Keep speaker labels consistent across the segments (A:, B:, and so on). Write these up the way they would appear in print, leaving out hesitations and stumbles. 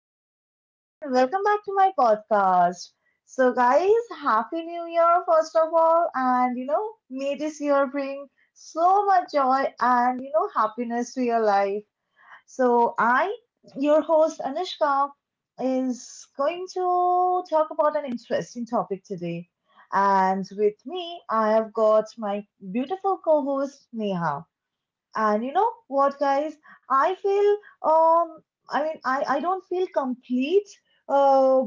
A: everyone, and welcome back to my podcast. So, guys, Happy New Year, first of all, and may this year bring so much joy and, happiness to your life. So, I, your host Anushka, is going to talk about an interesting topic today. And with me, I have got my beautiful co host Neha. And you know what, guys? I feel, um, I mean, I don't feel complete uh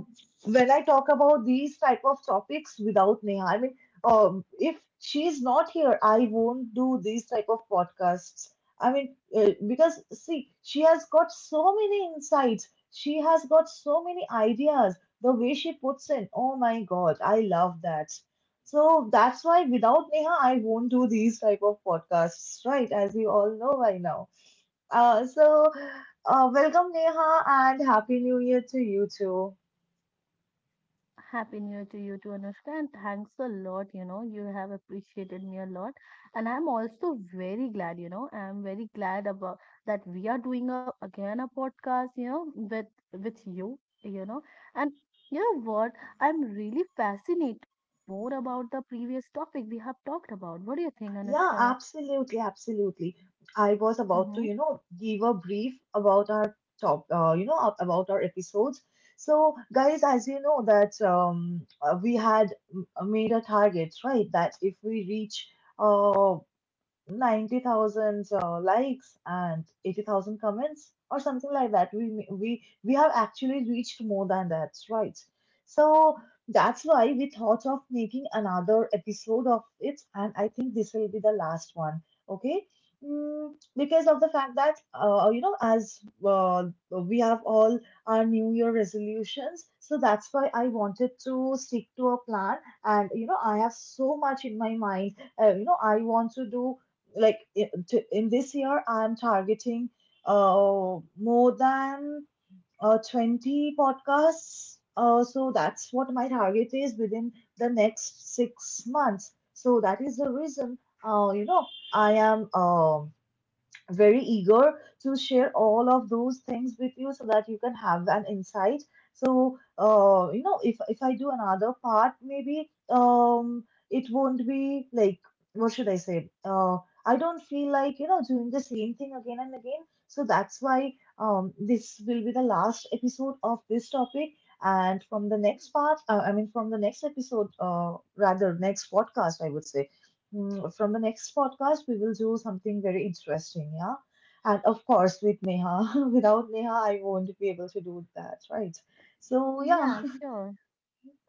A: when I talk about these type of topics without Neha. I mean, if she's not here, I won't do these type of podcasts. I mean, because see, she has got so many insights. She has got so many ideas. The way she puts in, oh my God, I love that. So that's why without Neha, I won't do these type of podcasts, right? As we all know by now. So, welcome Neha, and happy new year to you too.
B: Happy New Year to you too, Anushka, and thanks a lot. You know, you have appreciated me a lot, and I'm also very glad. I'm very glad about that we are doing a again a podcast. You know, with you. You know, and you know what? I'm really fascinated to tell more about the previous topic we have talked about. What do you think,
A: Yeah,
B: Anushka?
A: absolutely, absolutely. I was about to,
B: Mm-hmm.
A: you know, give a brief about our top, about our episodes. So guys, as you know that, we had made a target, right? That if we reach uh, 90,000 likes and 80,000 comments, or something like that. We have actually reached more than that, right? So that's why we thought of making another episode of it, and I think this will be the last one. Okay. Because of the fact that, as uh, we have all our new year resolutions, so that's why I wanted to stick to a plan. And I have so much in my mind. I want to do, like, in this year I'm targeting more than 20 podcasts, so that's what my target is within the next 6 months. So that is the reason, uh you know I am, very eager to share all of those things with you so that you can have an insight. So, if I do another part, maybe it won't be like, what should I say, I don't feel like, doing the same thing again and again. So that's why, this will be the last episode of this topic. And from the next part, I mean from the next episode, rather next podcast, I would say. From the next podcast, we will do something very interesting, yeah? And of course, with Neha. Without Neha, I won't be able to do that, right? So, yeah,
B: Yeah, sure.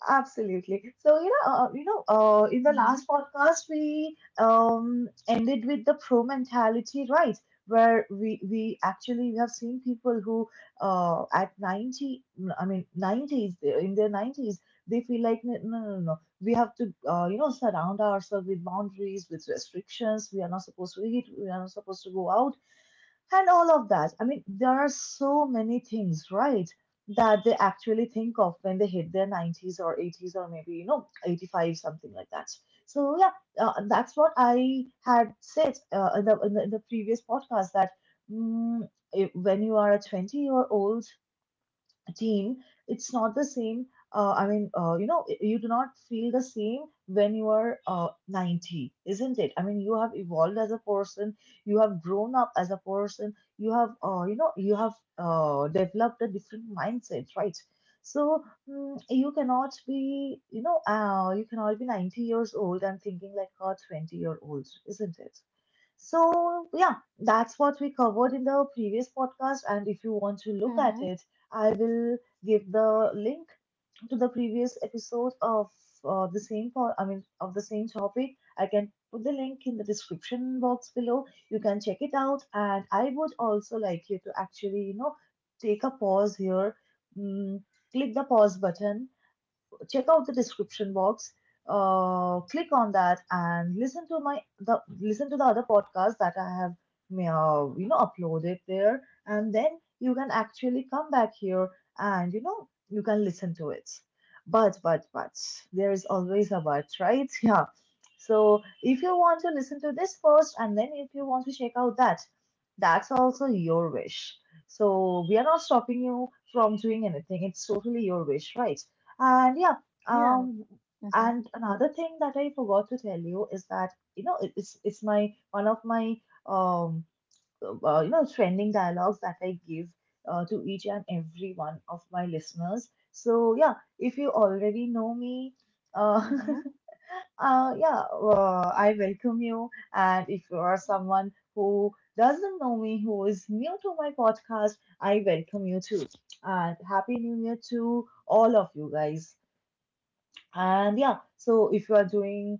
A: absolutely. So, in the
B: Mm-hmm.
A: last podcast we, ended with the pro mentality, right? Where we have seen people who, at 90, I mean 90s, they, in their 90s, they feel like, no, no, no, no, we have to, surround ourselves with boundaries, with restrictions. We are not supposed to eat. We are not supposed to go out, and all of that. I mean, there are so many things, right, that they actually think of when they hit their 90s, or 80s, or maybe, 85, something like that. So, yeah, that's what I had said, in the previous podcast, that, mm, if, when you are a 20-year-old, team, it's not the same. I mean, you do not feel the same when you are, 90, isn't it? I mean, you have evolved as a person, you have grown up as a person, you have, developed a different mindset, right? So, you cannot be, you know, you cannot be 90 years old and thinking like a 20-year-old, isn't it? So, yeah, that's what we covered in the previous podcast. And if you want to look at
B: Mm-hmm.
A: it, I will give the link to the previous episode of, I mean, of the same topic. I can put the link in the description box below. You can check it out, and I would also like you to actually, take a pause here, mm, click the pause button, check out the description box, click on that, and listen to the other podcasts that I have, uploaded there. And then you can actually come back here, and you can listen to it. But there is always a but, right? Yeah. So if you want to listen to this first, and then if you want to check out that, that's also your wish. So we are not stopping you from doing anything. It's totally your wish, right? And yeah,
B: Yeah.
A: um,
B: Mm-hmm.
A: and another thing that I forgot to tell you is that, it's my one of my, um trending dialogues that I give, to each and every one of my listeners. So yeah, if you already know me, uh,
B: Mm-hmm.
A: yeah, I welcome you. And if you are someone who doesn't know me, who is new to my podcast, I welcome you too. And happy New Year to all of you guys. And yeah, so if you are doing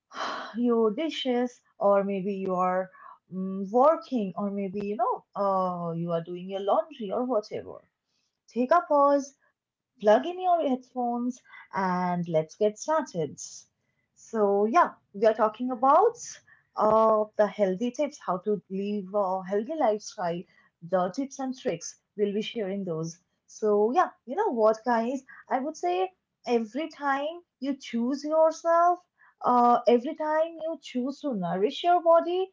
A: your dishes, or maybe you are, working, or maybe, you are doing your laundry or whatever, take a pause, plug in your headphones, and let's get started. So, yeah, we are talking about, the healthy tips, how to live a healthy lifestyle, the tips and tricks. We'll be sharing those. So, yeah, you know what, guys? I would say, every time you choose yourself, every time you choose to nourish your body,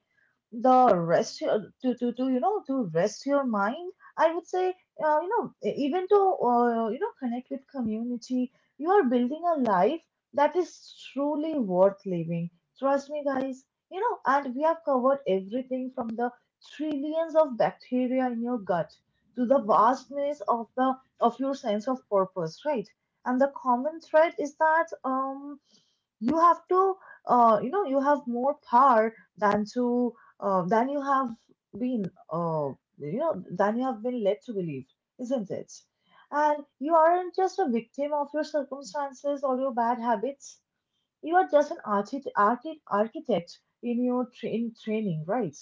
A: to to rest your mind, I would say, even to, connect with community, you are building a life that is truly worth living. Trust me, guys. You know, and we have covered everything from the trillions of bacteria in your gut to the vastness of the, of your sense of purpose, right? And the common thread is that, you have to, you have more power than, to than you have been, than you have been led to believe, isn't it? And you aren't just a victim of your circumstances or your bad habits. You are just an architect in training, right?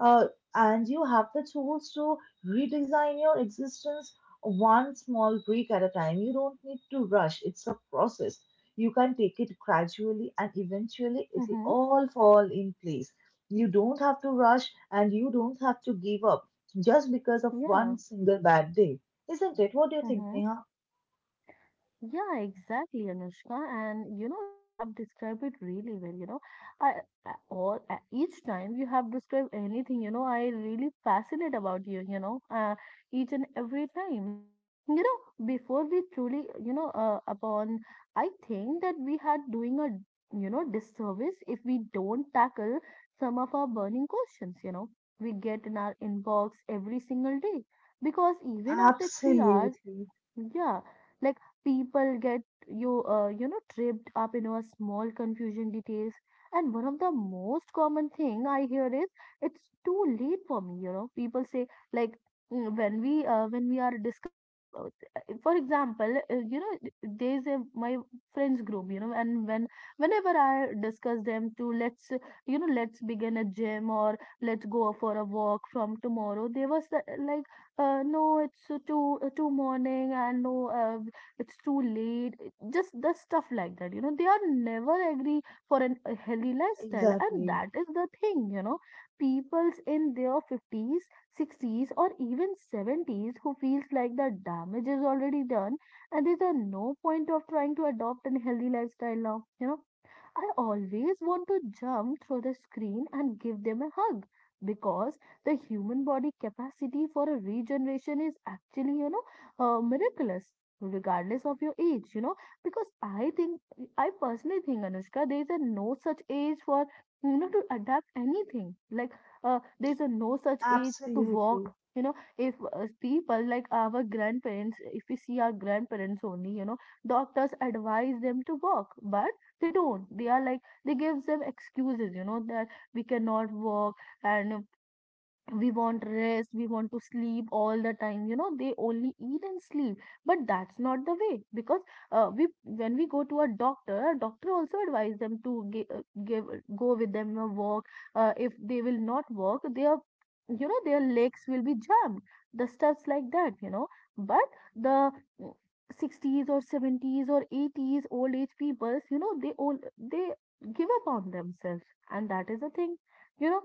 A: Uh, and you have the tools to redesign your existence, one small brick at a time. You don't need to rush. It's a process. You can take it gradually, and eventually, it'll
B: Mm-hmm.
A: all fall in place. You don't have to rush, and you don't have to give up just because of
B: Yeah.
A: one single bad day, isn't it? What do you think,
B: Mm-hmm.
A: Neha?
B: Yeah, exactly, Anushka. And you know, you have described it really well. You know, I, I or each time you have described anything, you know, I really fascinate about you. Each and every time. And you know, before we truly, you know, upon, I think that we are doing a, you know, disservice if we don't tackle some of our burning questions. You know, we get in our inbox every single day because even after 3 hours,
A: Absolutely,
B: yeah, like people get you, you know, tripped up in a small confusion details. And one of the most common thing I hear is it's too late for me. You know, people say like when we are discussing, for example, you know, there's a my friends group. You know, and whenever I discuss them to let's you know let's begin a gym or let's go for a walk from tomorrow, they was like no, it's too morning, and no, uh, it's too late. Just the stuff like that, you know. They are never agree for an, a healthy lifestyle, and
A: exactly,
B: that is the thing, you know. People's in their fifties, sixties, or even seventies who feels like the damage is already done, and there's a no point of trying to adopt a healthy lifestyle now, you know. I always want to jump through the screen and give them a hug because the human body capacity for a regeneration is actually, you know, miraculous regardless of your age, you know, because I personally think, Anushka, there is a no such age for, you know, to adapt anything. Like, there's a no such age to walk.
A: absolutely.
B: You know, if people like our grandparents, if we see our grandparents only, you know, doctors advise them to walk, but they don't they are like they gives them excuses, you know, that we cannot work and we want rest, we want to sleep all the time. You know, they only eat and sleep, but that's not the way, because we when we go to a doctor also advise them to give go with them a walk. If they will not walk their, you know, their legs will be jammed, the stuffs like that, you know. But the mm, 60s or 70s or 80s old age peoples, you know, they all they give up on themselves, and that is the thing, you know,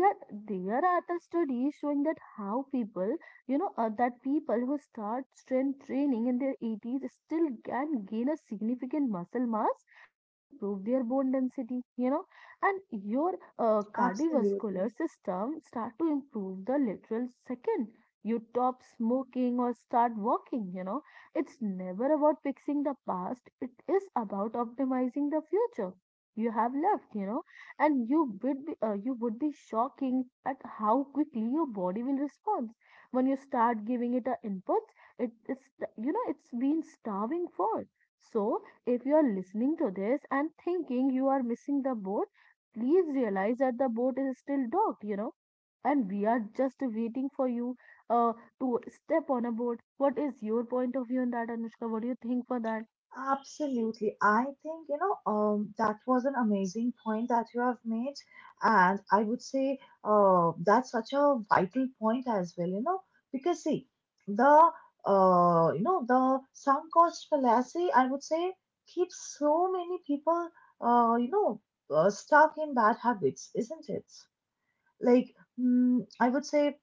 B: that there are the studies showing that how people, you know, that people who start strength training in their 80s still can gain a significant muscle mass and improve their bone density, you know. And your cardiovascular
A: Absolutely.
B: system start to improve the literal second you stop smoking or start walking, you know. It's never about fixing the past, it is about optimizing the future you have left, you know. And you would be shocking at how quickly your body will respond when you start giving it a input. You know it's been starving for. So if you are listening to this and thinking you are missing the boat, please realize that the boat is still docked, you know, and we are just waiting for you uh, to step on a boat. What is your point of view on that, Anushka? What do you think for that?
A: Absolutely. I think, that was an amazing point that you have made. And I would say, that's such a vital point as well, because see, the, the sunk cost fallacy, I would say, keeps so many people, uh, you know, stuck in bad habits, isn't it? Like, I would say,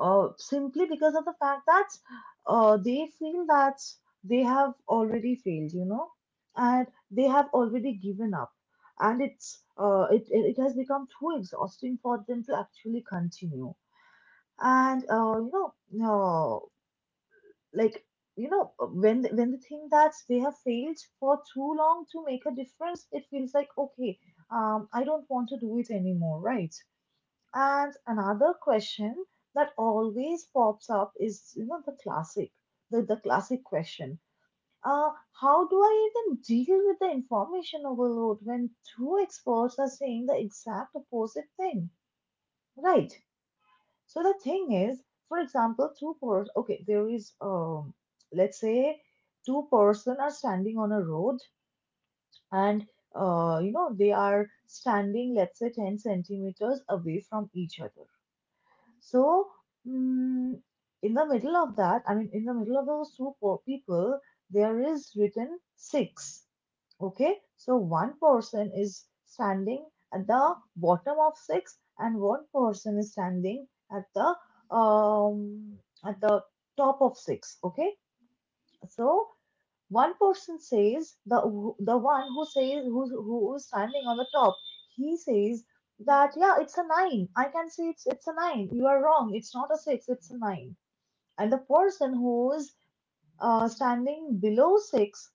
A: simply because of the fact that, they feel that they have already failed, and they have already given up, and it's it it it has become too exhausting for them to actually continue. And, no, like, when when they think that they have failed for too long to make a difference, it feels like, okay, I don't want to do it anymore, right? And another question that always pops up is, the classic, the classic question. Uh, how do I even deal with the information overload when two experts are saying the exact opposite thing? Right. So the thing is, for example, two-person, okay, there is, let's say two-person are standing on a road, and, they are standing, let's say 10 centimeters away from each other. So, mm, in the middle of that, I mean, in the middle of those two people, there is written six. Okay, so one person is standing at the bottom of six, and one person is standing at the, um at the top of six. Okay, so one person says, the one who says, who is standing on the top, he says that, yeah, it's a nine. I can say, it's a nine. You are wrong. It's not a six. It's a nine. And the person who's, standing below six,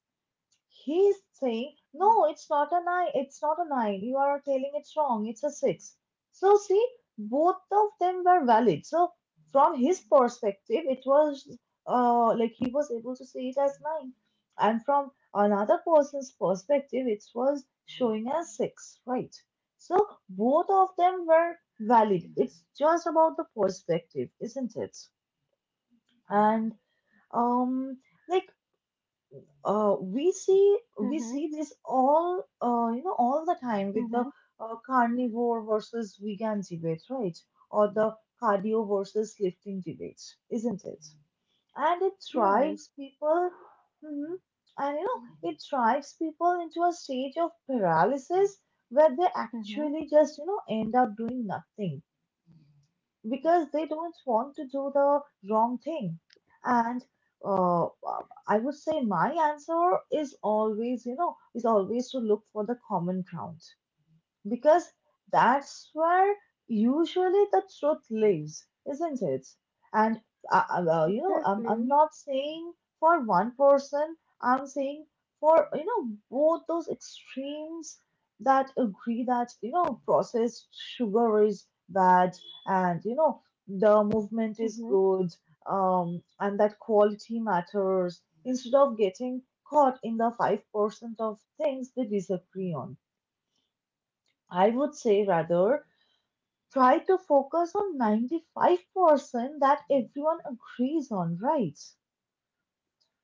A: he's saying, no, it's not a nine, it's not a nine, you are telling it's wrong, it's a six. So, see, both of them were valid. So, from his perspective, it was like he was able to see it as nine, and from another person's perspective, it was showing as six, right? So, both of them were valid. It's just about the perspective, isn't it? And, um, like, we see
B: Mm-hmm.
A: this all all the time with the
B: Mm-hmm.
A: carnivore versus vegan debate, right? Or the cardio versus lifting debate, isn't it? And it
B: yeah I,
A: drives people, mhm, and it drives people into a stage of paralysis where they
B: mm-hmm.
A: actually just end up doing nothing because they don't want to do the wrong thing. And uh, I would say my answer is always, you know, is always to look for the common ground. Because that's where usually the truth lives, isn't it? And well, you know, I'm
B: Exactly.
A: not saying for one person, I'm saying for, you know, both those extremes that agree that, you know, processed sugar is bad and, you know, the movement is good, and that quality matters instead of getting caught in the 5% of things they disagree on. I would say rather try to focus on 95% that everyone agrees on, right?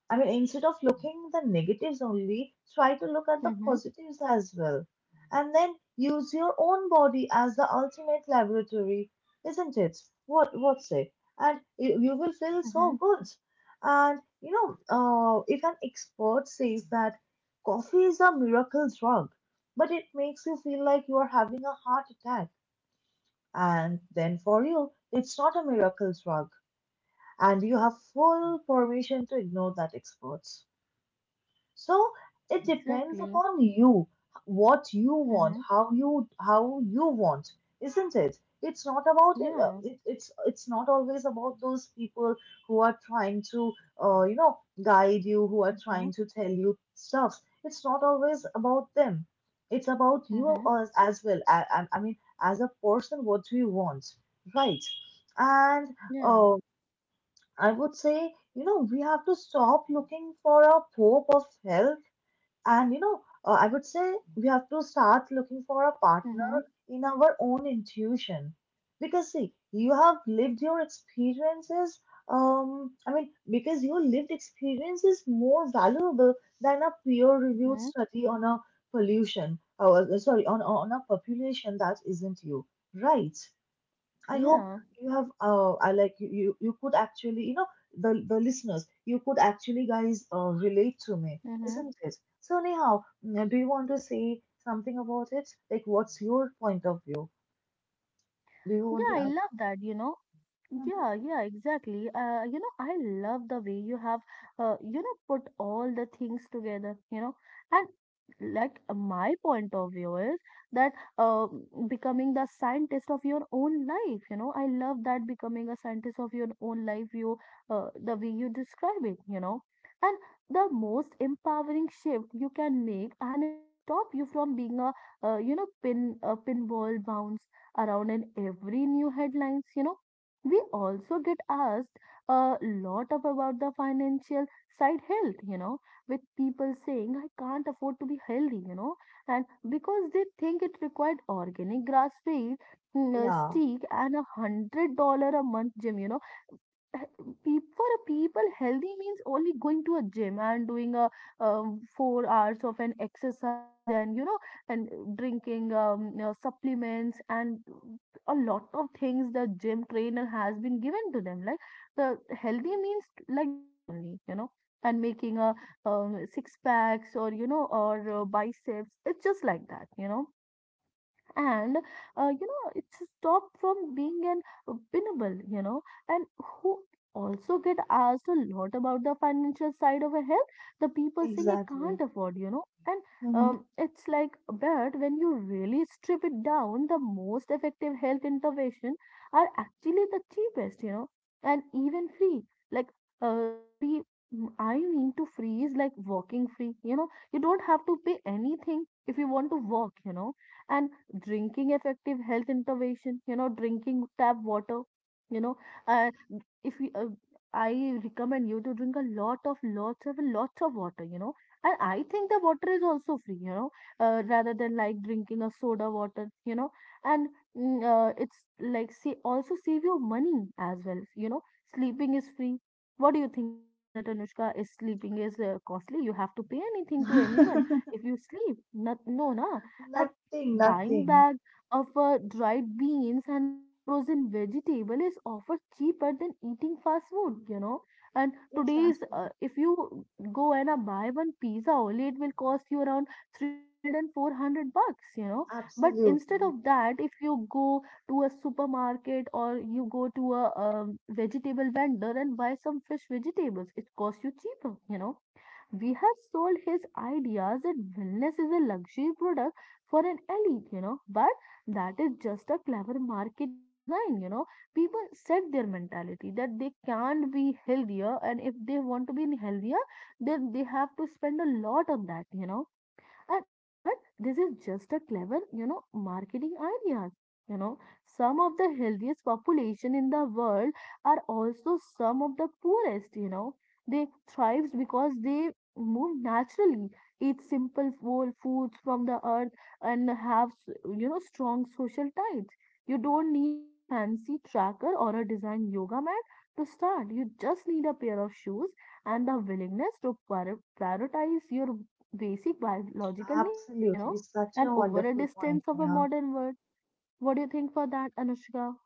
A: I mean, instead of looking the negatives only, try to look at the
B: Mm-hmm.
A: positives as well. And then use your own body as the ultimate laboratory, isn't it? What say? And you will feel so
B: Mm-hmm.
A: good. And if an expert says that coffee is a miracle drug, but it makes you feel like you are having a heart attack and then for you, it's not a miracle drug, and you have full permission to ignore that expert. So it depends
B: Exactly.
A: upon you what you want,
B: Mm-hmm.
A: how you want, isn't it? It's not about
B: Yeah.
A: it's not always about those people who are trying to guide you, who are
B: Mm-hmm.
A: trying to tell you stuff. It's not always about them. It's about you
B: Mm-hmm.
A: as well. I mean, as a person, what do you want, right? And
B: Yeah.
A: uh, I would say, you know, we have to stop looking for a hope of help. And I would say we have to start looking for a partner
B: Mm-hmm.
A: in our own intuition. Because, see, you have lived your experiences, I mean, because your lived experience is more valuable than a peer-reviewed
B: Mm-hmm.
A: study on a sorry, on a population that isn't you, right? I hope
B: Yeah.
A: you have I like you could actually the listeners, you could actually guys relate to me,
B: Mm-hmm.
A: isn't it? So anyhow, mm, do you want to say something about it, like what's your point of view? Do you want to
B: Yeah, I
A: have?
B: love that, you know.
A: Mhm.
B: Yeah, yeah, exactly. You know, I love the way you have, you know, put all the things together, you know, and my point of view is that uh, becoming the scientist of your own life, you know. I love that, becoming a scientist of your own life, you, the way you describe it, you know, and the most empowering shift you can make, and it stop you from being a, you know, a pinball bounce around in every new headlines, you know. We also get asked a lot of about the financial side health, you know, with people saying I can't afford to be healthy, you know, and because they think it required organic grass feed,
A: Yeah,
B: steak and $100 a month gym, you know. Eh, for a people healthy means only going to a gym and doing a 4 hours of an exercise, and you know and drinking you know, supplements and a lot of things the gym trainer has been given to them, like the healthy means like that only, you know, and making a six packs, or you know, or biceps, it's just like that, you know. And you know, it's stopped from being an winnable, you know. And who also get asked a lot about the financial side of a health, the people saying I
A: exactly.
B: can't afford, you know. And
A: Hmm.
B: it's like, but when you really strip it down, the most effective health intervention are actually the cheapest, you know, and even free, like the free, I mean to free is like walking free. You know, you don't have to pay anything if you want to walk, you know. And drinking effective health intervention, you know, drinking tap water, you know. Uh, if you I recommend you to drink a lot of lots of lots of water, you know. And I think the water is also free, you know, rather than like drinking a soda water, you know. And it's like, see, also save your money as well, you know. Sleeping is free. What do you think about that, Anushka? Is sleeping is costly? You have to pay anything to anyone if you sleep? Not, no na.
A: Nothing,
B: Buying
A: nothing.
B: bag of dried beans and a frozen vegetable is often cheaper than eating fast food, you know. And today's,
A: Exactly.
B: if you go and buy one pizza only, it will cost you around 300 and 400 bucks, you know. But instead
A: Absolutely,
B: of that, if you go to a supermarket or you go to a vegetable vendor and buy some fresh vegetables, it costs you cheaper, you know. We have sold his ideas that wellness is a luxury product for an elite, you know, but that is just a clever marketing design, you know. People set their mentality that they can't be healthier, and if they want to be healthier, then they have to spend a lot on that, you know. And but this is just a clever, you know, marketing ideas. You know, some of the healthiest population in the world are also some of the poorest, you know. They thrives because they move naturally, eat simple whole foods from the earth and have, you know, strong social ties. You don't need a fancy tracker or a design yoga mat to start. You just need a pair of shoes and the willingness to prioritize your basic biological needs, you know,
A: absolutely, such
B: and
A: a
B: over a
A: wonderful point,
B: distance of a
A: Neha.
B: modern world. What do you think for that, Anushka?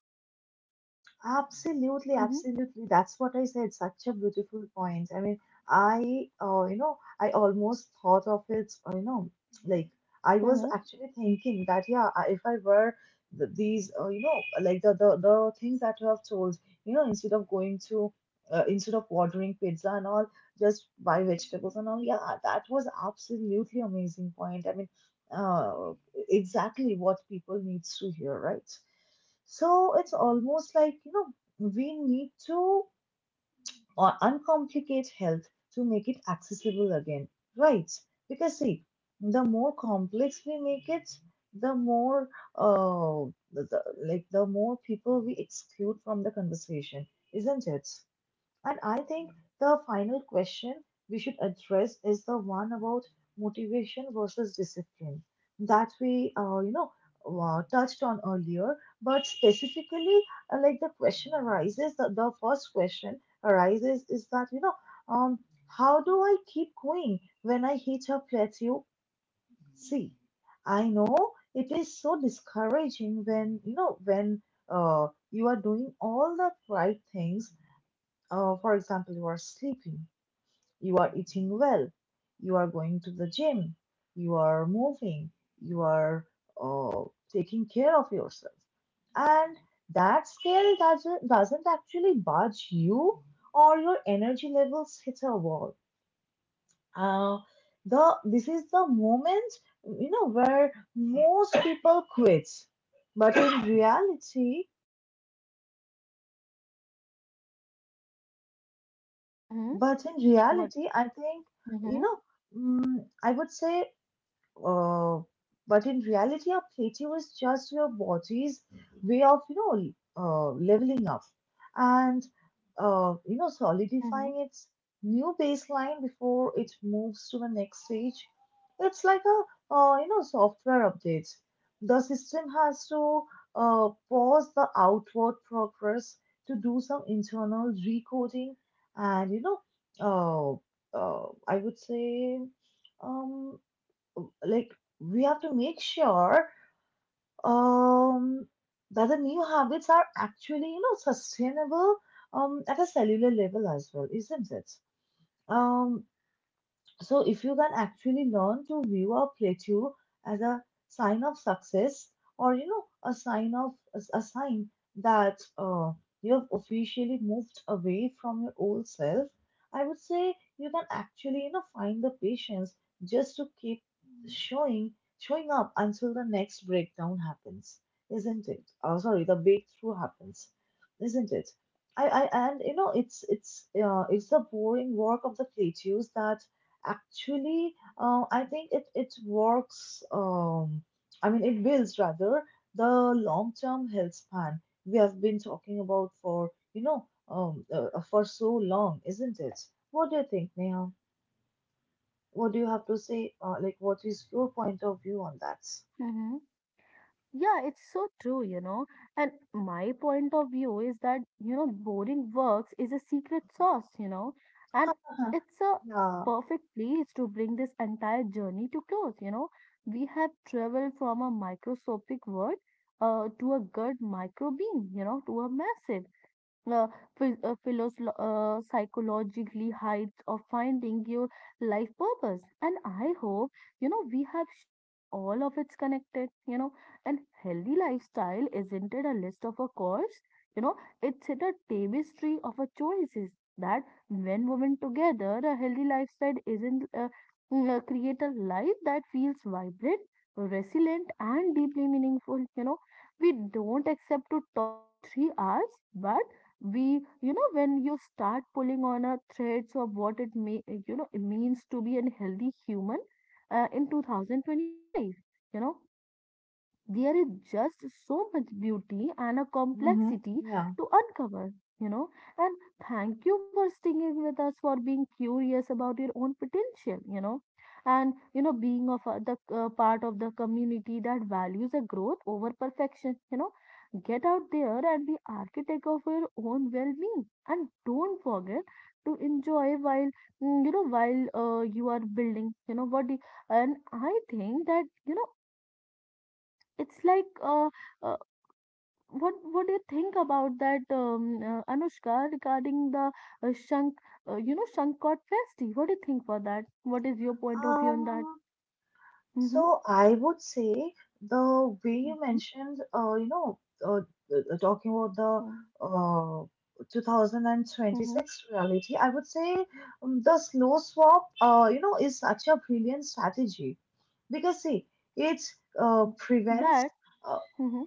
A: Absolutely,
B: Mm-hmm.
A: absolutely. That's what I said. Such a beautiful point. I mean, you know, I almost thought of it, you know, like I was
B: Mm-hmm.
A: actually thinking that, yeah, if I were th these, you know, like the things that you have told, you know, instead of going to, instead of ordering pizza and all, just buy vegetables and all. Yeah, that was absolutely amazing point. Uh, exactly what people needs to hear, right? So it's almost like, you know, we need to uncomplicate health to make it accessible again, right? Because see, the more complex we make it, the more like the more people we exclude from the conversation, isn't it? And I think the final question we should address is the one about motivation versus discipline that we, you know, touched on earlier. But specifically, like the question arises, the first question arises is that, you know, um, how do I keep going when I hit a plateau? See, I know it is so discouraging when, you know, when you are doing all the right things, for example, you are sleeping, you are eating well, you are going to the gym, you are moving, you are uh, taking care of yourself. And that scale doesn't actually budge you, or your energy levels hit a wall. Uh, this is the moment, you know, where most people quit. But in reality,
B: Mm-hmm.
A: but in
B: What?
A: reality, I think, you
B: Mm-hmm.
A: know, mm, I would say, Uh, but in reality, a plateau is just your body's way of, you know, leveling up and, you know,
B: Mm-hmm.
A: solidifying its new baseline before it moves to the next stage. It's like a, you know, software update. The system has to pause the outward progress to do some internal recoding and, I would say, um, like we have to make sure um that the new habits are actually, you know, sustainable, um, at a cellular level as well, isn't it? Um, so if you can actually learn to view a plateau as a sign of success, or you know, a sign that you have officially moved away from your old self, I would say you can actually, you know, find the patience just to keep showing showing up until the next breakdown happens, isn't it? Sorry, the breakthrough happens, isn't it? I and you know it's the boring work of the plateaus that actually, I think it it works. I mean, it builds rather the long-term health span we have been talking about for, you know, for so long, isn't it? What do you think, Neha? What do you have to say? Like, what is your point of view on that?
B: Mm-hmm. Yeah, it's so true, you know. And my point of view is that, you know, boring works is a secret sauce, you know, and it's a
A: Yeah.
B: perfect place to bring this entire journey to close, you know. We have traveled from a microscopic world, to a gut microbeam, you know, to a massive uh, psychologically heights of finding your life purpose. And I hope, you know, we have shown all of it's connected, you know, and healthy lifestyle isn't it a list of a course, you know, it's it a tapestry of a choices that, when woven together, a healthy lifestyle isn't mm, create a life that feels vibrant, resilient and deeply meaningful, you know. We don't accept to talk for 3 hours, but we, you know, when you start pulling on a threads of what it may, you know, it means to be a healthy human in 2025, you know, there is just so much beauty and a
A: Mm-hmm.
B: complexity
A: Yeah.
B: to uncover, you know. And thank you for sticking with us, for being curious about your own potential, and being of a, the part of the community that values a growth over perfection. Get out there and be architect of your own well-being, and don't forget to enjoy while while you are building. And I think that you know it's like uh, what do you think about that Anushka, regarding the uh, Shank Shankot Festi? What do you think about that? What is your point of view on that?
A: Um.
B: Mm-hmm.
A: So I would say the way you
B: Mm-hmm.
A: mentioned, uh, talking about the,
B: mm mhm.
A: 2026 reality, I would say, the slow swap, you know, is such a brilliant strategy because see, it
B: Mm.
A: prevents.
B: But
A: Uh,
B: mhm.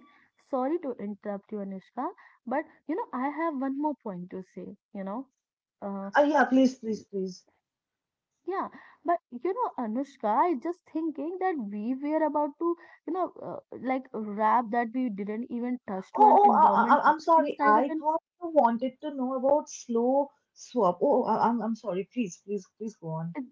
B: sorry to interrupt you, Anushka, but you know I have one more point to say. You know, uh,
A: yeah, please, please, please.
B: Yeah, but you know, Anushka, I just thinking that we were about to, you know, like rap, that we didn't even touch to an
A: Oh, oh,
B: environment
A: I'm
B: toxin
A: sorry.
B: side of
A: I
B: an.
A: thought you wanted to know about slow swap. Oh, I'm sorry. Please, please, please go on.
B: It-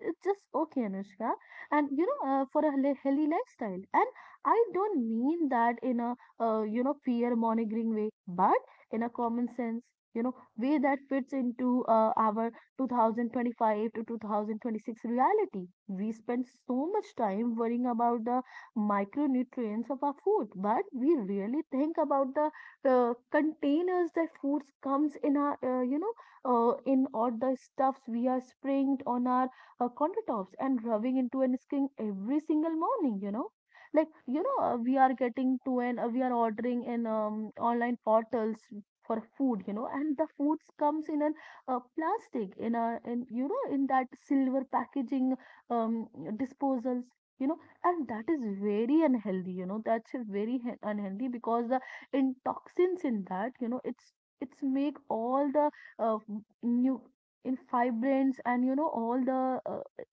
B: It's just okay, Anushka. And you know, for a healthy lifestyle. And I don't mean that in a, fear mongering way, but in a common sense, you know, way that fits into our 2025 to 2026 reality. We spend so much time worrying about the micronutrients of our food, but we really think about the containers that foods comes in our, in all the stuffs we are spraying on our countertops and rubbing into an skin every single morning, you know. Like, you know, we are getting to an, we are ordering in online portals for food, you know, and the foods comes in an plastic, you know, in that silver packaging, um, disposals, you know, and that is very unhealthy, you know, that's a very he- unhealthy because the in toxins in that, you know, it's make all the uh, new in fibrins, and you know all the uh,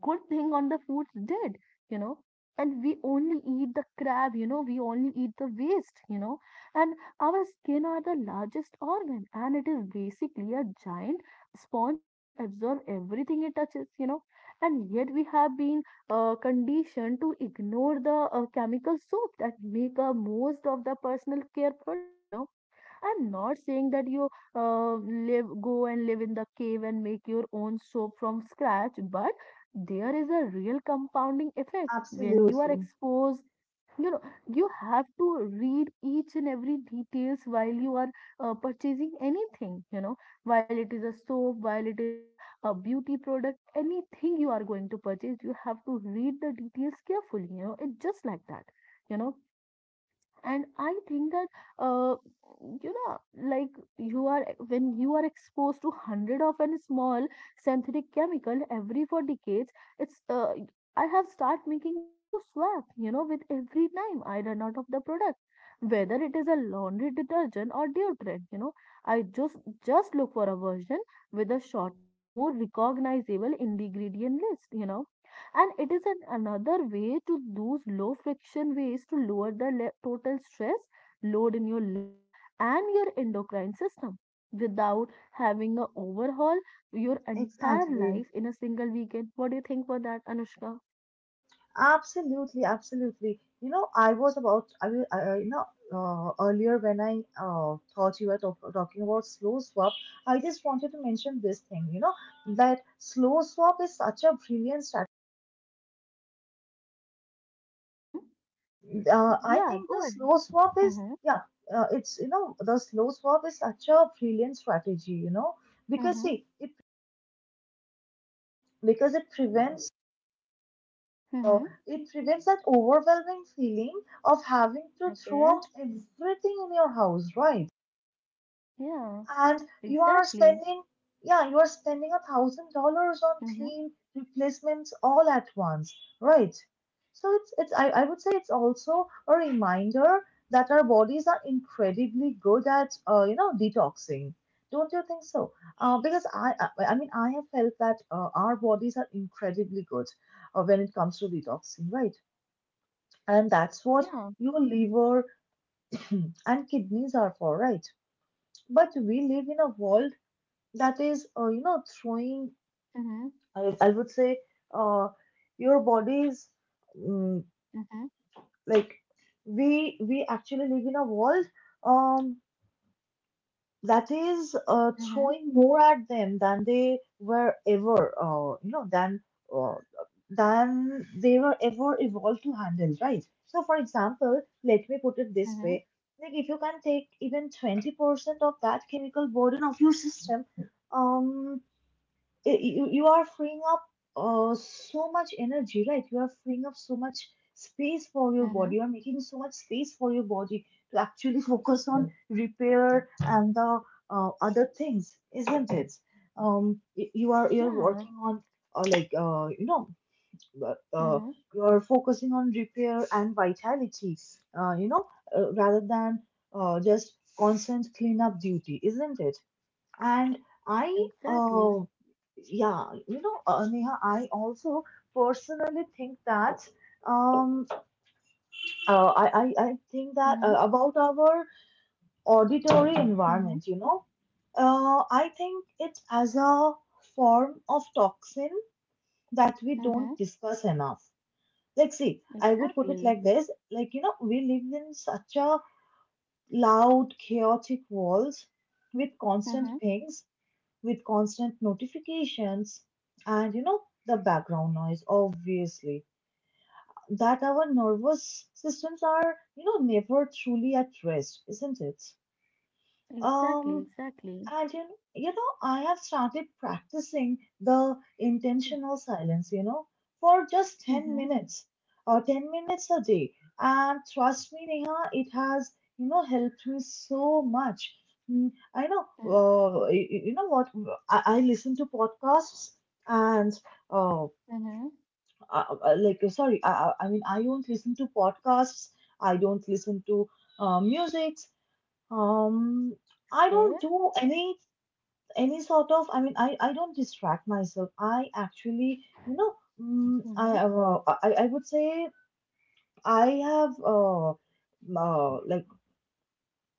B: good thing on the foods did, you know. And we only eat the crab, you know, we only eat the waste, you know. And our skin are the largest organ, and it is basically a giant sponge that absorbs everything it touches, you know. And yet we have been conditioned to ignore the chemical soap that make up most of the personal care product, you know. I'm not saying that you, go and live in the cave and make your own soap from scratch, but there is a real compounding effect when you are
A: Absolutely.
B: exposed. You know, you have to read each and every details while you are purchasing anything. You know, while it is a soap, while it is an a beauty product, anything you are going to purchase, you have to read the details carefully. You know, it's just like that. You know, and I think that uh, you know like you are, when you are exposed to hundred of an small synthetic chemical every for decades, it's I have start making the slow swap, you know, with every time I run out of the product, whether it is a laundry detergent or deodorant, you know. I just look for a version with a shorter, more recognizable ingredient list, you know. And it is an another way to use low friction ways to lower the total stress load in your liver and your endocrine system without having a overhaul your entire
A: Exactly.
B: life in a single weekend. What do you think for that, Anushka?
A: Absolutely, absolutely. You know, I was about, I will, you know, earlier when I thought you were talking about slow swap, I just wanted to mention this thing, you know, that slow swap is such a brilliant strategy.
B: Mm-hmm.
A: I
B: Yeah,
A: think
B: go
A: the
B: ahead.
A: slow swap is,
B: Mm-hmm.
A: yeah, it's, you know, the slow swap is such a brilliant strategy, you know, because
B: Mm-hmm.
A: see, it, because it prevents, uh,
B: Mm-hmm.
A: it prevents that overwhelming feeling of having to throw
B: Okay.
A: out everything in your house, right?
B: Yeah,
A: And you are
B: exactly.
A: spending, yeah, you are spending $1,000 on
B: Mm-hmm.
A: clean replacements all at once, right? So it's I would say it's also a reminder that our bodies are incredibly good at, you know, detoxing, don't you think so? Uh, because I mean I have felt that our bodies are incredibly good when it comes to detoxing, right? And that's what
B: Yeah.
A: your liver and kidneys are for, right? But we live in a world that is you know, throwing,
B: Mm-hmm.
A: I would say uh, your body's mm
B: Mm-hmm.
A: like we actually live in a world, um, that is
B: Mm-hmm.
A: throwing more at them than they were ever, uh, than they were ever evolved to handle, right? So for example, let me put it this
B: Mm-hmm.
A: way, like if you can take even 20% of that chemical burden of your system, um you, you are freeing up, so much energy, right? You are freeing up so much space for your
B: Mm-hmm.
A: body. You are making so much space for your body to actually focus on repair and the, other things, isn't it? You are you're
B: Yeah.
A: working on uh, like uh, you know uh, uh,
B: Mm-hmm.
A: you are focusing on repair and vitality, uh, you know, rather than just constant cleanup duty, isn't it? And I,
B: Exactly.
A: uh, yeah, you know, Neha, I also personally think that um, I think that
B: Mm-hmm.
A: about our auditory
B: Mm-hmm.
A: environment, you know, I think it as a form of toxin that we
B: Mm-hmm.
A: don't discuss enough. Like, see, I would put it
B: Exactly.
A: like this: like, you know, we live in such a loud, chaotic world with constant
B: Mm-hmm.
A: pings, with constant notifications and you know the background noise obviously, that our nervous systems are, you know, never truly at rest, isn't it?
B: Exactly.
A: um
B: Exactly.
A: and you know, I have started practicing the intentional silence, you know, for just 10
B: Mm-hmm.
A: minutes or 10 minutes a day. And trust me, Neha, it has, you know, helped me so much. Mm, I know, you know what? I listen to podcasts and, uh,
B: Mm-hmm.
A: like, sorry, I mean, I don't listen to podcasts. I don't listen to music. Um, I
B: Okay.
A: don't do any sort of I don't distract myself. I actually, you know mm,
B: Mm-hmm.
A: i uh, i i would say I have,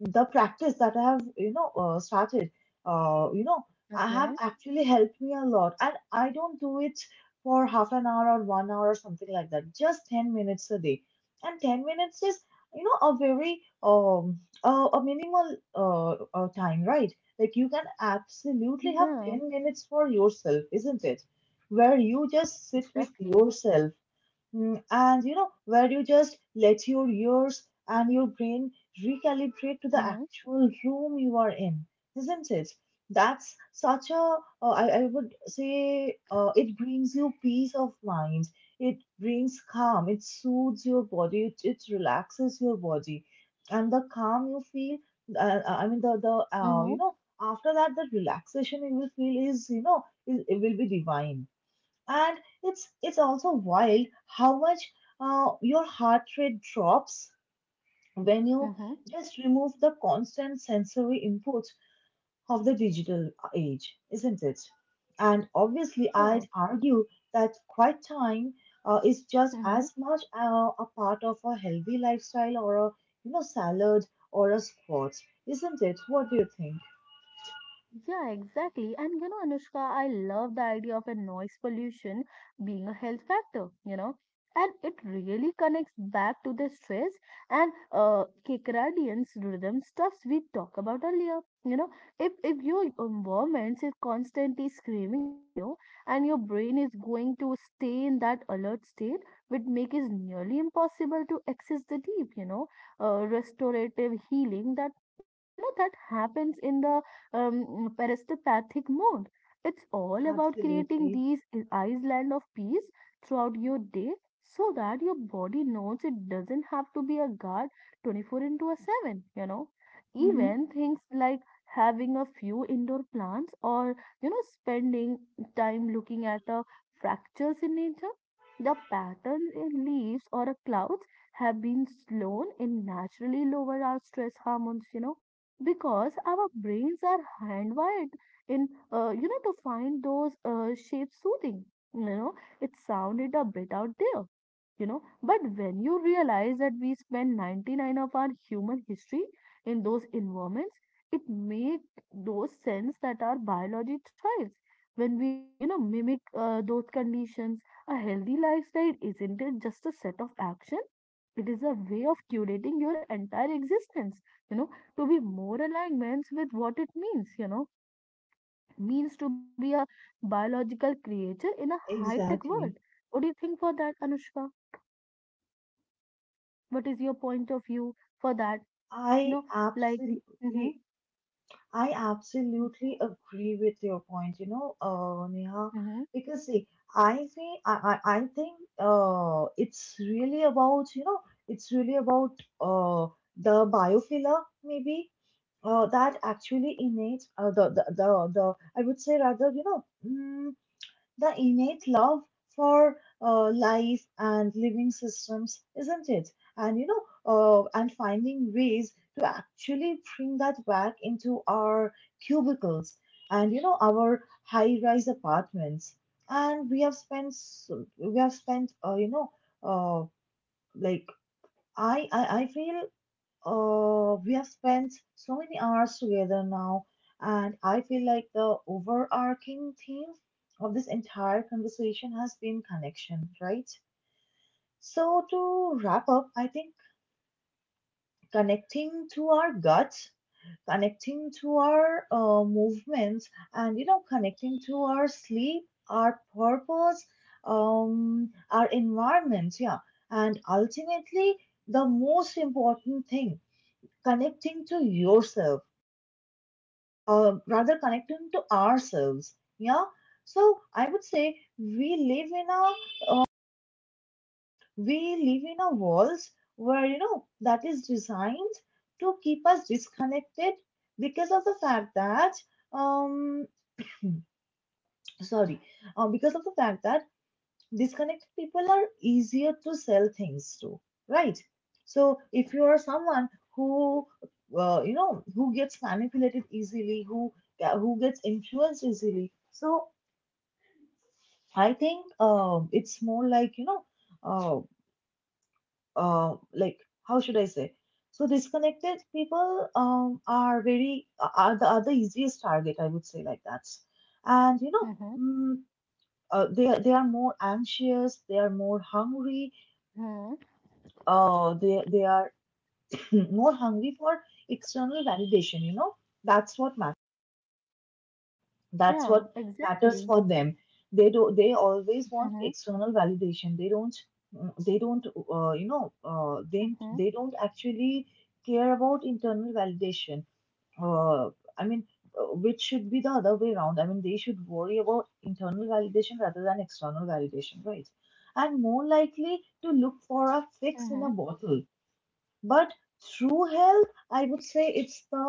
A: the practice that I have, started, uh, you know, I
B: Okay.
A: have actually helped me a lot. And I don't do it for half an hour or 1 hour or something like that, just 10 minutes a day. And 10 minutes is, you know, a very, a minimal time, right? Like you can absolutely have
B: Yeah.
A: 10 minutes for yourself, isn't it? Where you just sit with
B: Exactly.
A: yourself. And you know, where you just let your ears and your brain recalibrate to the
B: Mm-hmm.
A: actual room you are in, isn't it? That's such a, I would say, it brings you peace of mind. It brings calm. It soothes your body. It relaxes your body. And the calm you feel, I mean, the
B: Mm-hmm.
A: you know, after that, the relaxation you will feel is, it will be divine. And it's also wild how much your heart rate drops when you
B: Mm-hmm.
A: just remove the constant sensory input of the digital age, isn't it? And obviously,
B: Yeah.
A: I'd argue that quiet time is just
B: Mm-hmm.
A: as much a part of a healthy lifestyle, or a, you know, salad or a sport, isn't it? What do you think?
B: Yeah, exactly. And you know, Anushka, I love the idea of a noise pollution being a health factor, you know, and it really connects back to the stress and circadian rhythm stuffs we talked about earlier. You know, if your environment is constantly screaming at you and your brain is going to stay in that alert state, which make it nearly impossible to access the deep, you know, restorative healing that, that happens in the parasthopathic mode. It's all about creating
A: Absolutely.
B: these islands of peace throughout your day so that your body knows it doesn't have to be a guard 24 into a 7, you know.
A: Hmm.
B: Even things like having a few indoor plants or, you know, spending time looking at the fractures in nature. The patterns in leaves or clouds have been slown in naturally lower our stress hormones, you know, because our brains are handwired in, to find those shapes soothing, you know. It sounded a bit out there, you know, but when you realize that we spend 99 of our human history in those environments, it makes those sense that our biology thrives when we, mimic those conditions. A healthy lifestyle isn't it just a set of action, it is a way of curating your entire existence, you know, to be more alignments with what it means, you know, means to be a biological creature in a high tech
A: Exactly.
B: world. What do you think for that, Anushka? What is your point of view for that? You
A: I
B: know, like, mm-hmm,
A: absolutely, I absolutely agree with your point, you know, Neha,
B: mm-hmm,
A: because see, I think it's really about, you know, it's really about uh, the biofiller maybe, that actually innate, the I would say, rather, the innate love for life and living systems, isn't it? And you know, and finding ways to actually bring that back into our cubicles and, you know, our high-rise apartments. And we have spent, uh, like I feel we have spent so many hours together now, and I feel like the overarching theme of this entire conversation has been connection, right? So, to wrap up, I think connecting to our guts, connecting to our movements, and you know, connecting to our sleep, our purpose, our environment, yeah, and ultimately, the most important thing, connecting to yourself, rather connecting to ourselves. Yeah. So I would say we live in a we live in a world where, you know, that is designed to keep us disconnected because of the fact that um sorry because of the fact that disconnected people are easier to sell things to, right? So if you are someone who, you know, who gets manipulated easily, who gets influenced easily. So I think, it's more like, you know, uh, uh, like how should I say? So disconnected people, are very, are the easiest target, I would say, like that. And you know,
B: mm-hmm,
A: mm, they are more anxious, they are more hungry,
B: mm-hmm.
A: they are more hungry for external validation. You know, that's what matters. That's
B: Yeah,
A: what matters
B: exactly.
A: for them. They do, they always want
B: Mm-hmm,
A: external validation. They don't, uh, you know uh, they
B: mm-hmm,
A: they don't actually care about internal validation, uh, I mean, which should be the other way around. I mean, they should worry about internal validation rather than external validation, right? And more likely to look for a fix in
B: mm-hmm,
A: a bottle. But true health, I would say, it's the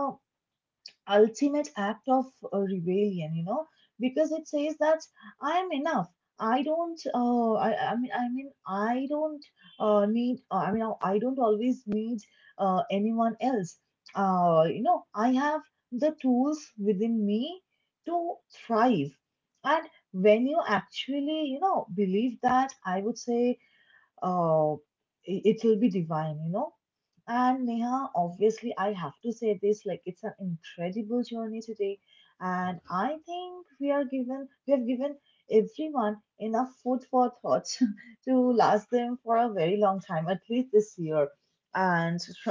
A: ultimate act of rebellion, you know, because it says that I am enough. I don't. I mean. I mean. I don't need. I mean. I don't always need anyone else. I have the tools within me to thrive. And when you actually, you know, believe that, I would say it will be divine, you know. And Neha, obviously, I have to say this, like, it's an incredible journey today, and I think we have given everyone enough food for thought to last them for a very long time, at least this year. And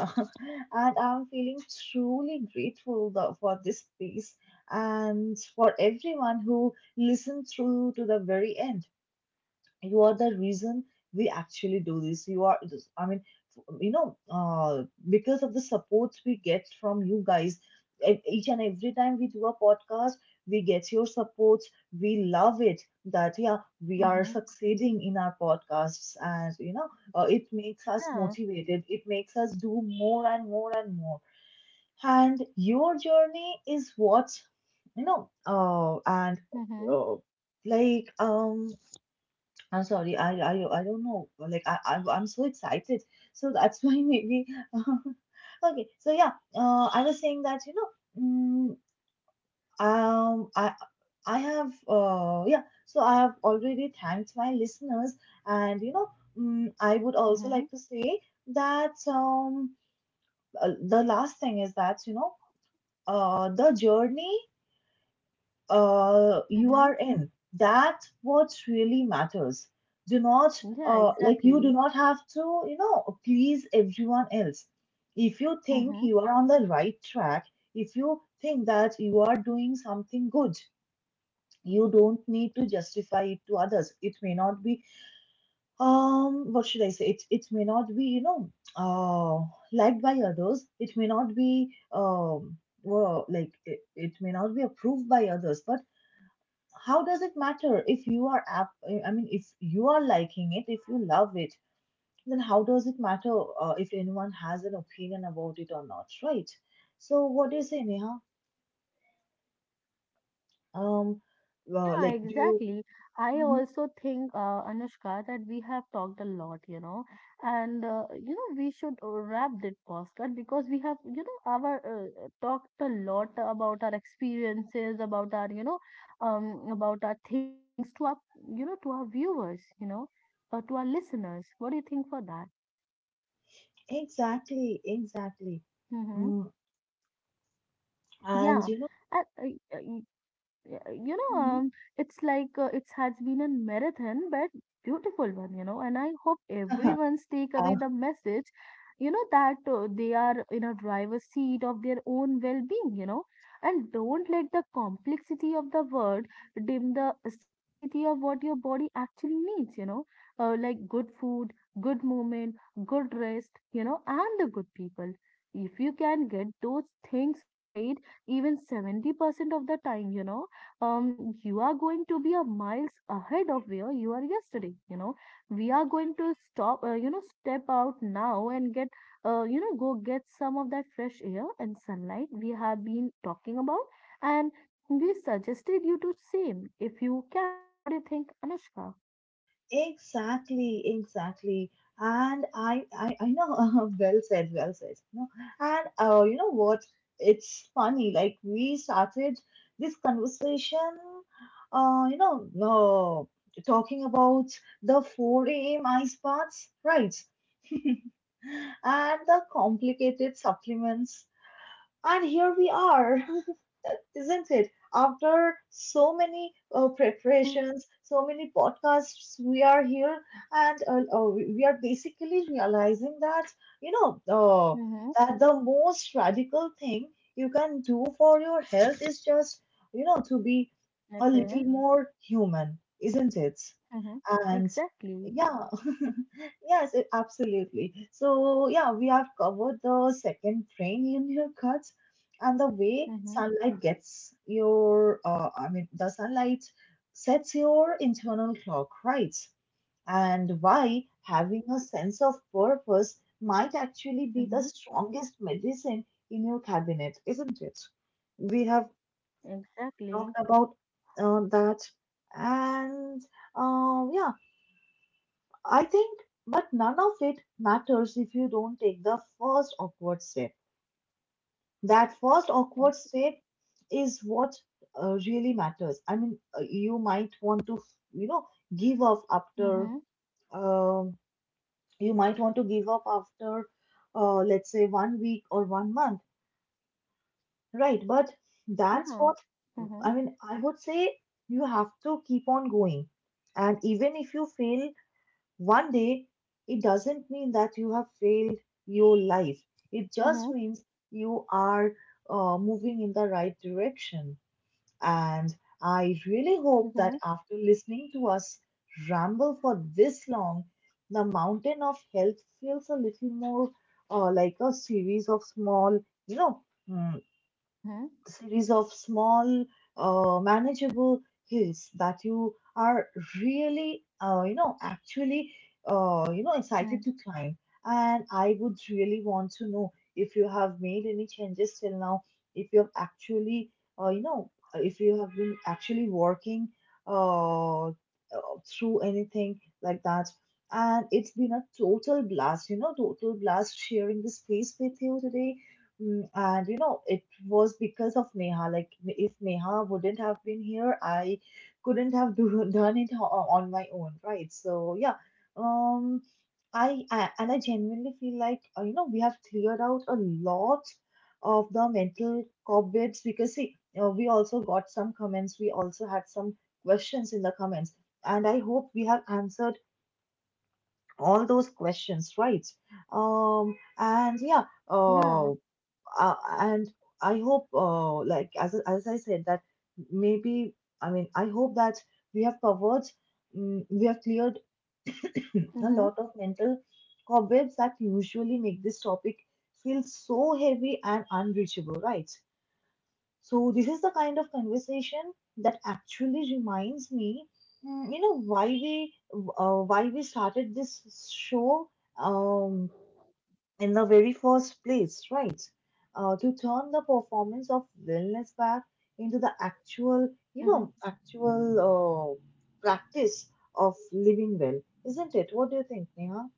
A: and I'm feeling truly grateful, for this space and for everyone who listened through to the very end. You are the reason we actually do this. You are this I mean You know, because of the support we get from you guys, each and every time we do a podcast, we get your support. We love it. That Yeah, we are
B: mm-hmm.
A: succeeding in our podcasts, and you know, it makes us
B: Yeah,
A: motivated. It makes us do more and more and more. And your journey is what, you know, and
B: mm-hmm,
A: uh, like I'm sorry, I don't know. Like, I'm so excited. So that's why maybe. Okay, so yeah, I was saying that, you know, mm, um, I, I have, yeah, so I have already thanked my listeners. And, you know, I would also
B: mm-hmm,
A: like to say that, the last thing is that, you know, the journey you
B: mm-hmm.
A: are in. That's what really matters. Do not,
B: Yeah,
A: like, you do
B: exactly.
A: not have to, you know, please everyone else. If you think
B: Mm-hmm.
A: you are on the right track, if you think that you are doing something good, you don't need to justify it to others. It may not be, what should I say? It may not be, you know, uh, liked by others. It may not be, well, like, it may not be approved by others, but how does it matter if you are liking it, if you love it, then how does it matter if anyone has an opinion about it or not, right? So what do you say, Neha? um
B: Yeah,
A: do you.
B: exactly. I
A: Mhm.
B: also think, Anushka, that we have talked a lot, you know, and you know we should wrap this podcast because we have, you know, our talked a lot about our experiences, about our, you know, about our thinkings to our, you know, to our viewers, you know, to our listeners. What do you think for that?
A: Exactly, exactly.
B: Mm-hmm.
A: mm, and
B: Yeah,
A: you know.
B: and, uh, uh, Yeah, you know,
A: Mhm.
B: it's like it has been a marathon, but beautiful one, you know. And I hope everyone's take away the message, you know, that they are in a driver's seat of their own well-being, you know. And don't let the complexity of the world dim the simplicity of what your body actually needs, you know, like good food, good movement, good rest, you know, and the good people. If you can get those things right, even 70% of the time, you know, you are going to be a miles ahead of where you are yesterday. You know, we are going to stop, step out now and get, go get some of that fresh air and sunlight we have been talking about. And we suggested you do same if you can. What do you think, Anushka?
A: Exactly, exactly. And I know, well said, well said. No, and you know what? It's funny. Like we started this conversation, uh, you know, talking about the 4 a.m. ice baths, right? And the complicated supplements. And here we are, isn't it? After so many
B: Mm-hmm.
A: preparations, so many podcasts, we are here. And we are basically realizing that, you know,
B: Mm-hmm.
A: that the most radical thing you can do for your health is just, you know, to be a little
B: Okay.
A: more human, isn't it?
B: Mm-hmm.
A: And
B: Exactly.
A: yeah, yes, it- absolutely. So, yeah, we have covered the second brain in your gut, and the way
B: Mm-hmm.
A: sunlight gets your I mean the sunlight sets your internal clock right, and why having a sense of purpose might actually be the
B: Mm-hmm.
A: strongest medicine in your cabinet, isn't it? We have talked
B: Exactly.
A: about that. And yeah, I think, but none of it matters if you don't take the first awkward step. That first awkward step is what really matters. I mean, you might want to, you know, give up after,
B: Mm-hmm.
A: um, you might want to give up after, let's say, 1 week or 1 month, right? But that's
B: Yeah.
A: what,
B: Mm-hmm.
A: I mean, I would say, you have to keep on going. And even if you fail one day, it doesn't mean that you have failed your life. It
B: Mm-hmm.
A: just means you are moving in the right direction. And I really hope that
B: Mm-hmm.
A: after listening to us ramble for this long, the mountain of health feels a little more like a you know, mm,
B: Mm-hmm.
A: series of small, manageable hills that you are really, you know, excited
B: Mm,
A: to climb. And I would really want to know if you have made any changes till now, if you have actually, you know, if you have been actually working uh, uh, through anything like that. And it's been a total blast, you know, total blast sharing the space with you today. And you know, it was because of Neha. Like, if Neha wouldn't have been here, I couldn't have done it on my own, right? So yeah, um, I and I genuinely feel like, you know, we have cleared out a lot of the mental cobwebs because, see, we also got some comments. We also had some questions in the comments, and I hope we have answered all those questions, right? And yeah.
B: yeah.
A: Uh, and I hope, like as I said, that maybe I mean I hope that we have covered, we have cleared a
B: Mm-hmm,
A: lot of mental cobwebs that usually make this topic feel so heavy and unreachable, right? So this is the kind of conversation that actually reminds me, why we started this show. Um, in the very first place, right? To turn the performance of wellness back into the actual,
B: mm-hmm.
A: actual practice of living well, isn't it? What do you think, Neha?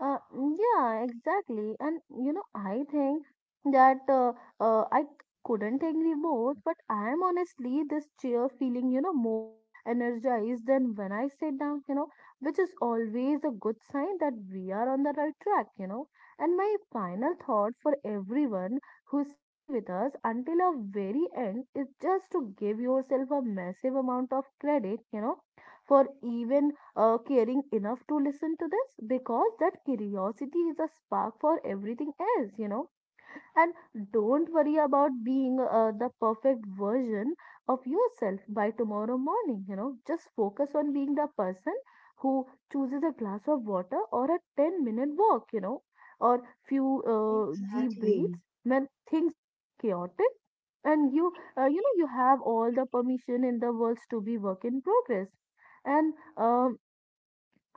B: Yeah, exactly. And you know, I think that I couldn't agree more, but I am honestly this chair feeling, you know, more energized than when I sit down, you know, which is always a good sign that we are on the right track, you know. And my final thought for everyone who stayed with us until our very end is just to give yourself a massive amount of credit, you know, for even caring enough to listen to this, because that curiosity is a spark for everything else, you know. And don't worry about being the perfect version of yourself by tomorrow morning, you know. Just focus on being the person who chooses a glass of water or a 10-minute walk, you know, or few deep breaths
A: Exactly.
B: when things get chaotic, and you, you know you have all the permission in the world to be work in progress. And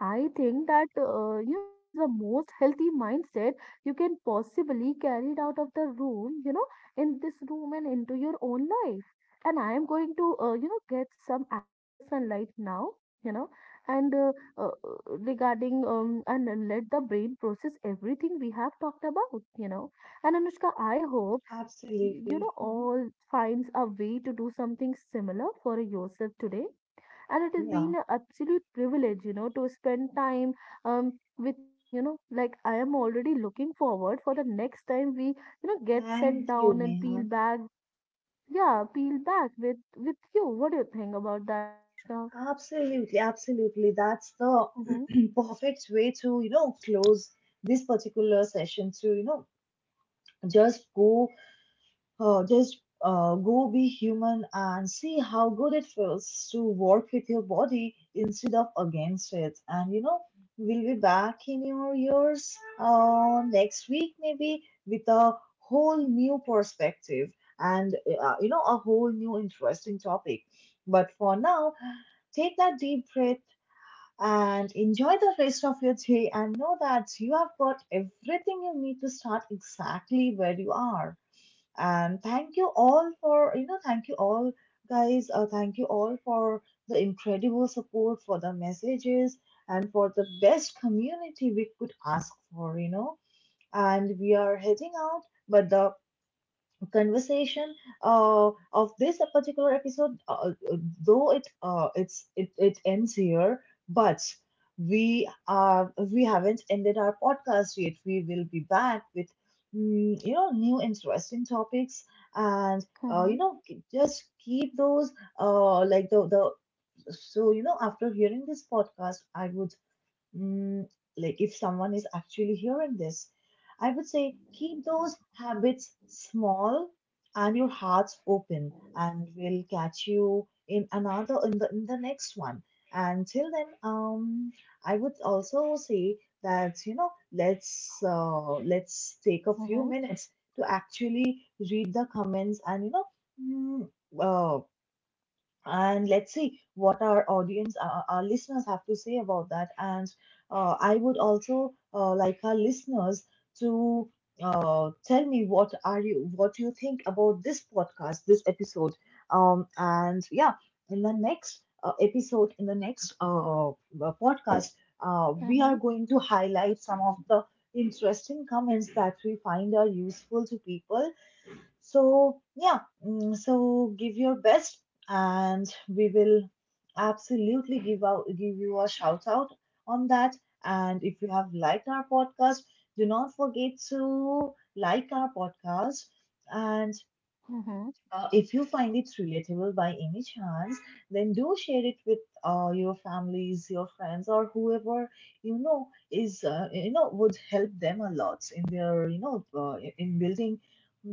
B: I think that that's the most healthy mindset you can possibly carry it out of the room, you know, in this room and into your own life. And I am going to get some actual sunlight now, you know, and regarding and then let the brain process everything we have talked about, you know. And Anushka, I hope you know
A: Absolutely. Hmm.
B: all finds a way to do something similar for yourself today, and it has been
A: Yeah.
B: an absolute privilege, you know, to spend time um with you, you know. Like I am already looking forward for the next time we, you know, get set
A: Thank you,
B: down and peel
A: Neha.
B: back, yeah, peel back with you. What do you think about that, Anushka?
A: Absolutely, absolutely. That's the
B: Mm-hmm,
A: perfect way to, you know, close this particular session to, you know, just Uh, just go be human and see how good it feels to work with your body instead of against it. And you know, we'll be back in your ears next week, maybe with a whole new perspective and you know, a whole new interesting topic. But for now, take that deep breath and enjoy the rest of your day and know that you have got everything you need to start exactly where you are. And thank you all, guys. Thank you all for the incredible support, for the messages, and for the best community we could ask for, you know. And we are heading out, but the conversation of this particular episode though it it's it, it ends here, but we haven't ended our podcast yet. We will be back with you know, new interesting topics, and you
B: mm-hmm,
A: know, just keep those like the so you know, after hearing this podcast, Mm, like if someone is actually hearing this, I would say keep those habits small and your hearts open, and we'll catch you in the next one. And till then, I would also say that you know, let's take a few
B: mm-hmm,
A: minutes to actually read the comments and you know, mm, uh, and let's see what our listeners have to say about that. And I would also like our listeners to tell me what you think about this podcast, this episode. Um, and yeah in the next podcast, we
B: mm-hmm,
A: are going to highlight some of the interesting comments that we find are useful to people. So, yeah, so give your best, and we will absolutely give you a shout out on that. And if you have liked our podcast, do not forget to like our podcast, and
B: mm-hmm,
A: if you find it relatable by any chance, then do share it with your families, your friends, or whoever you know is you know, would help them a lot in their in building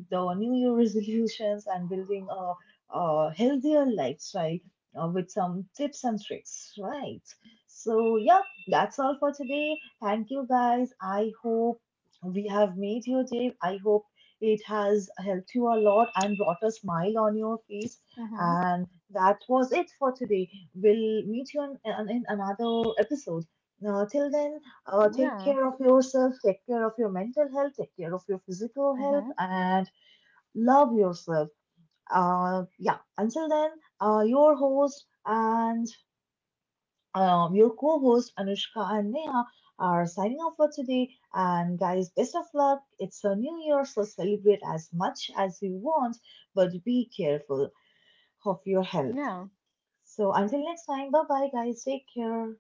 A: the New Year resolutions and building a healthier lifestyle with some tips and tricks, right? So yeah, that's all for today. Thank you, guys. I hope we have made your day. I hope it has helped you a lot and brought a smile on your face.
B: mm-hmm.
A: And that was it for today. We'll meet you in another episode. Now, till then, take
B: Yeah,
A: care of yourself, take care of your mental health, take care of your physical health,
B: mm-hmm,
A: and love yourself. Yeah, until then, your host and your co host Anushka and Neha are signing off for today. And guys, best of luck. It's a new year, so celebrate as much as you want, but be careful of your health.
B: yeah.
A: So until next time, bye bye, guys. Take care.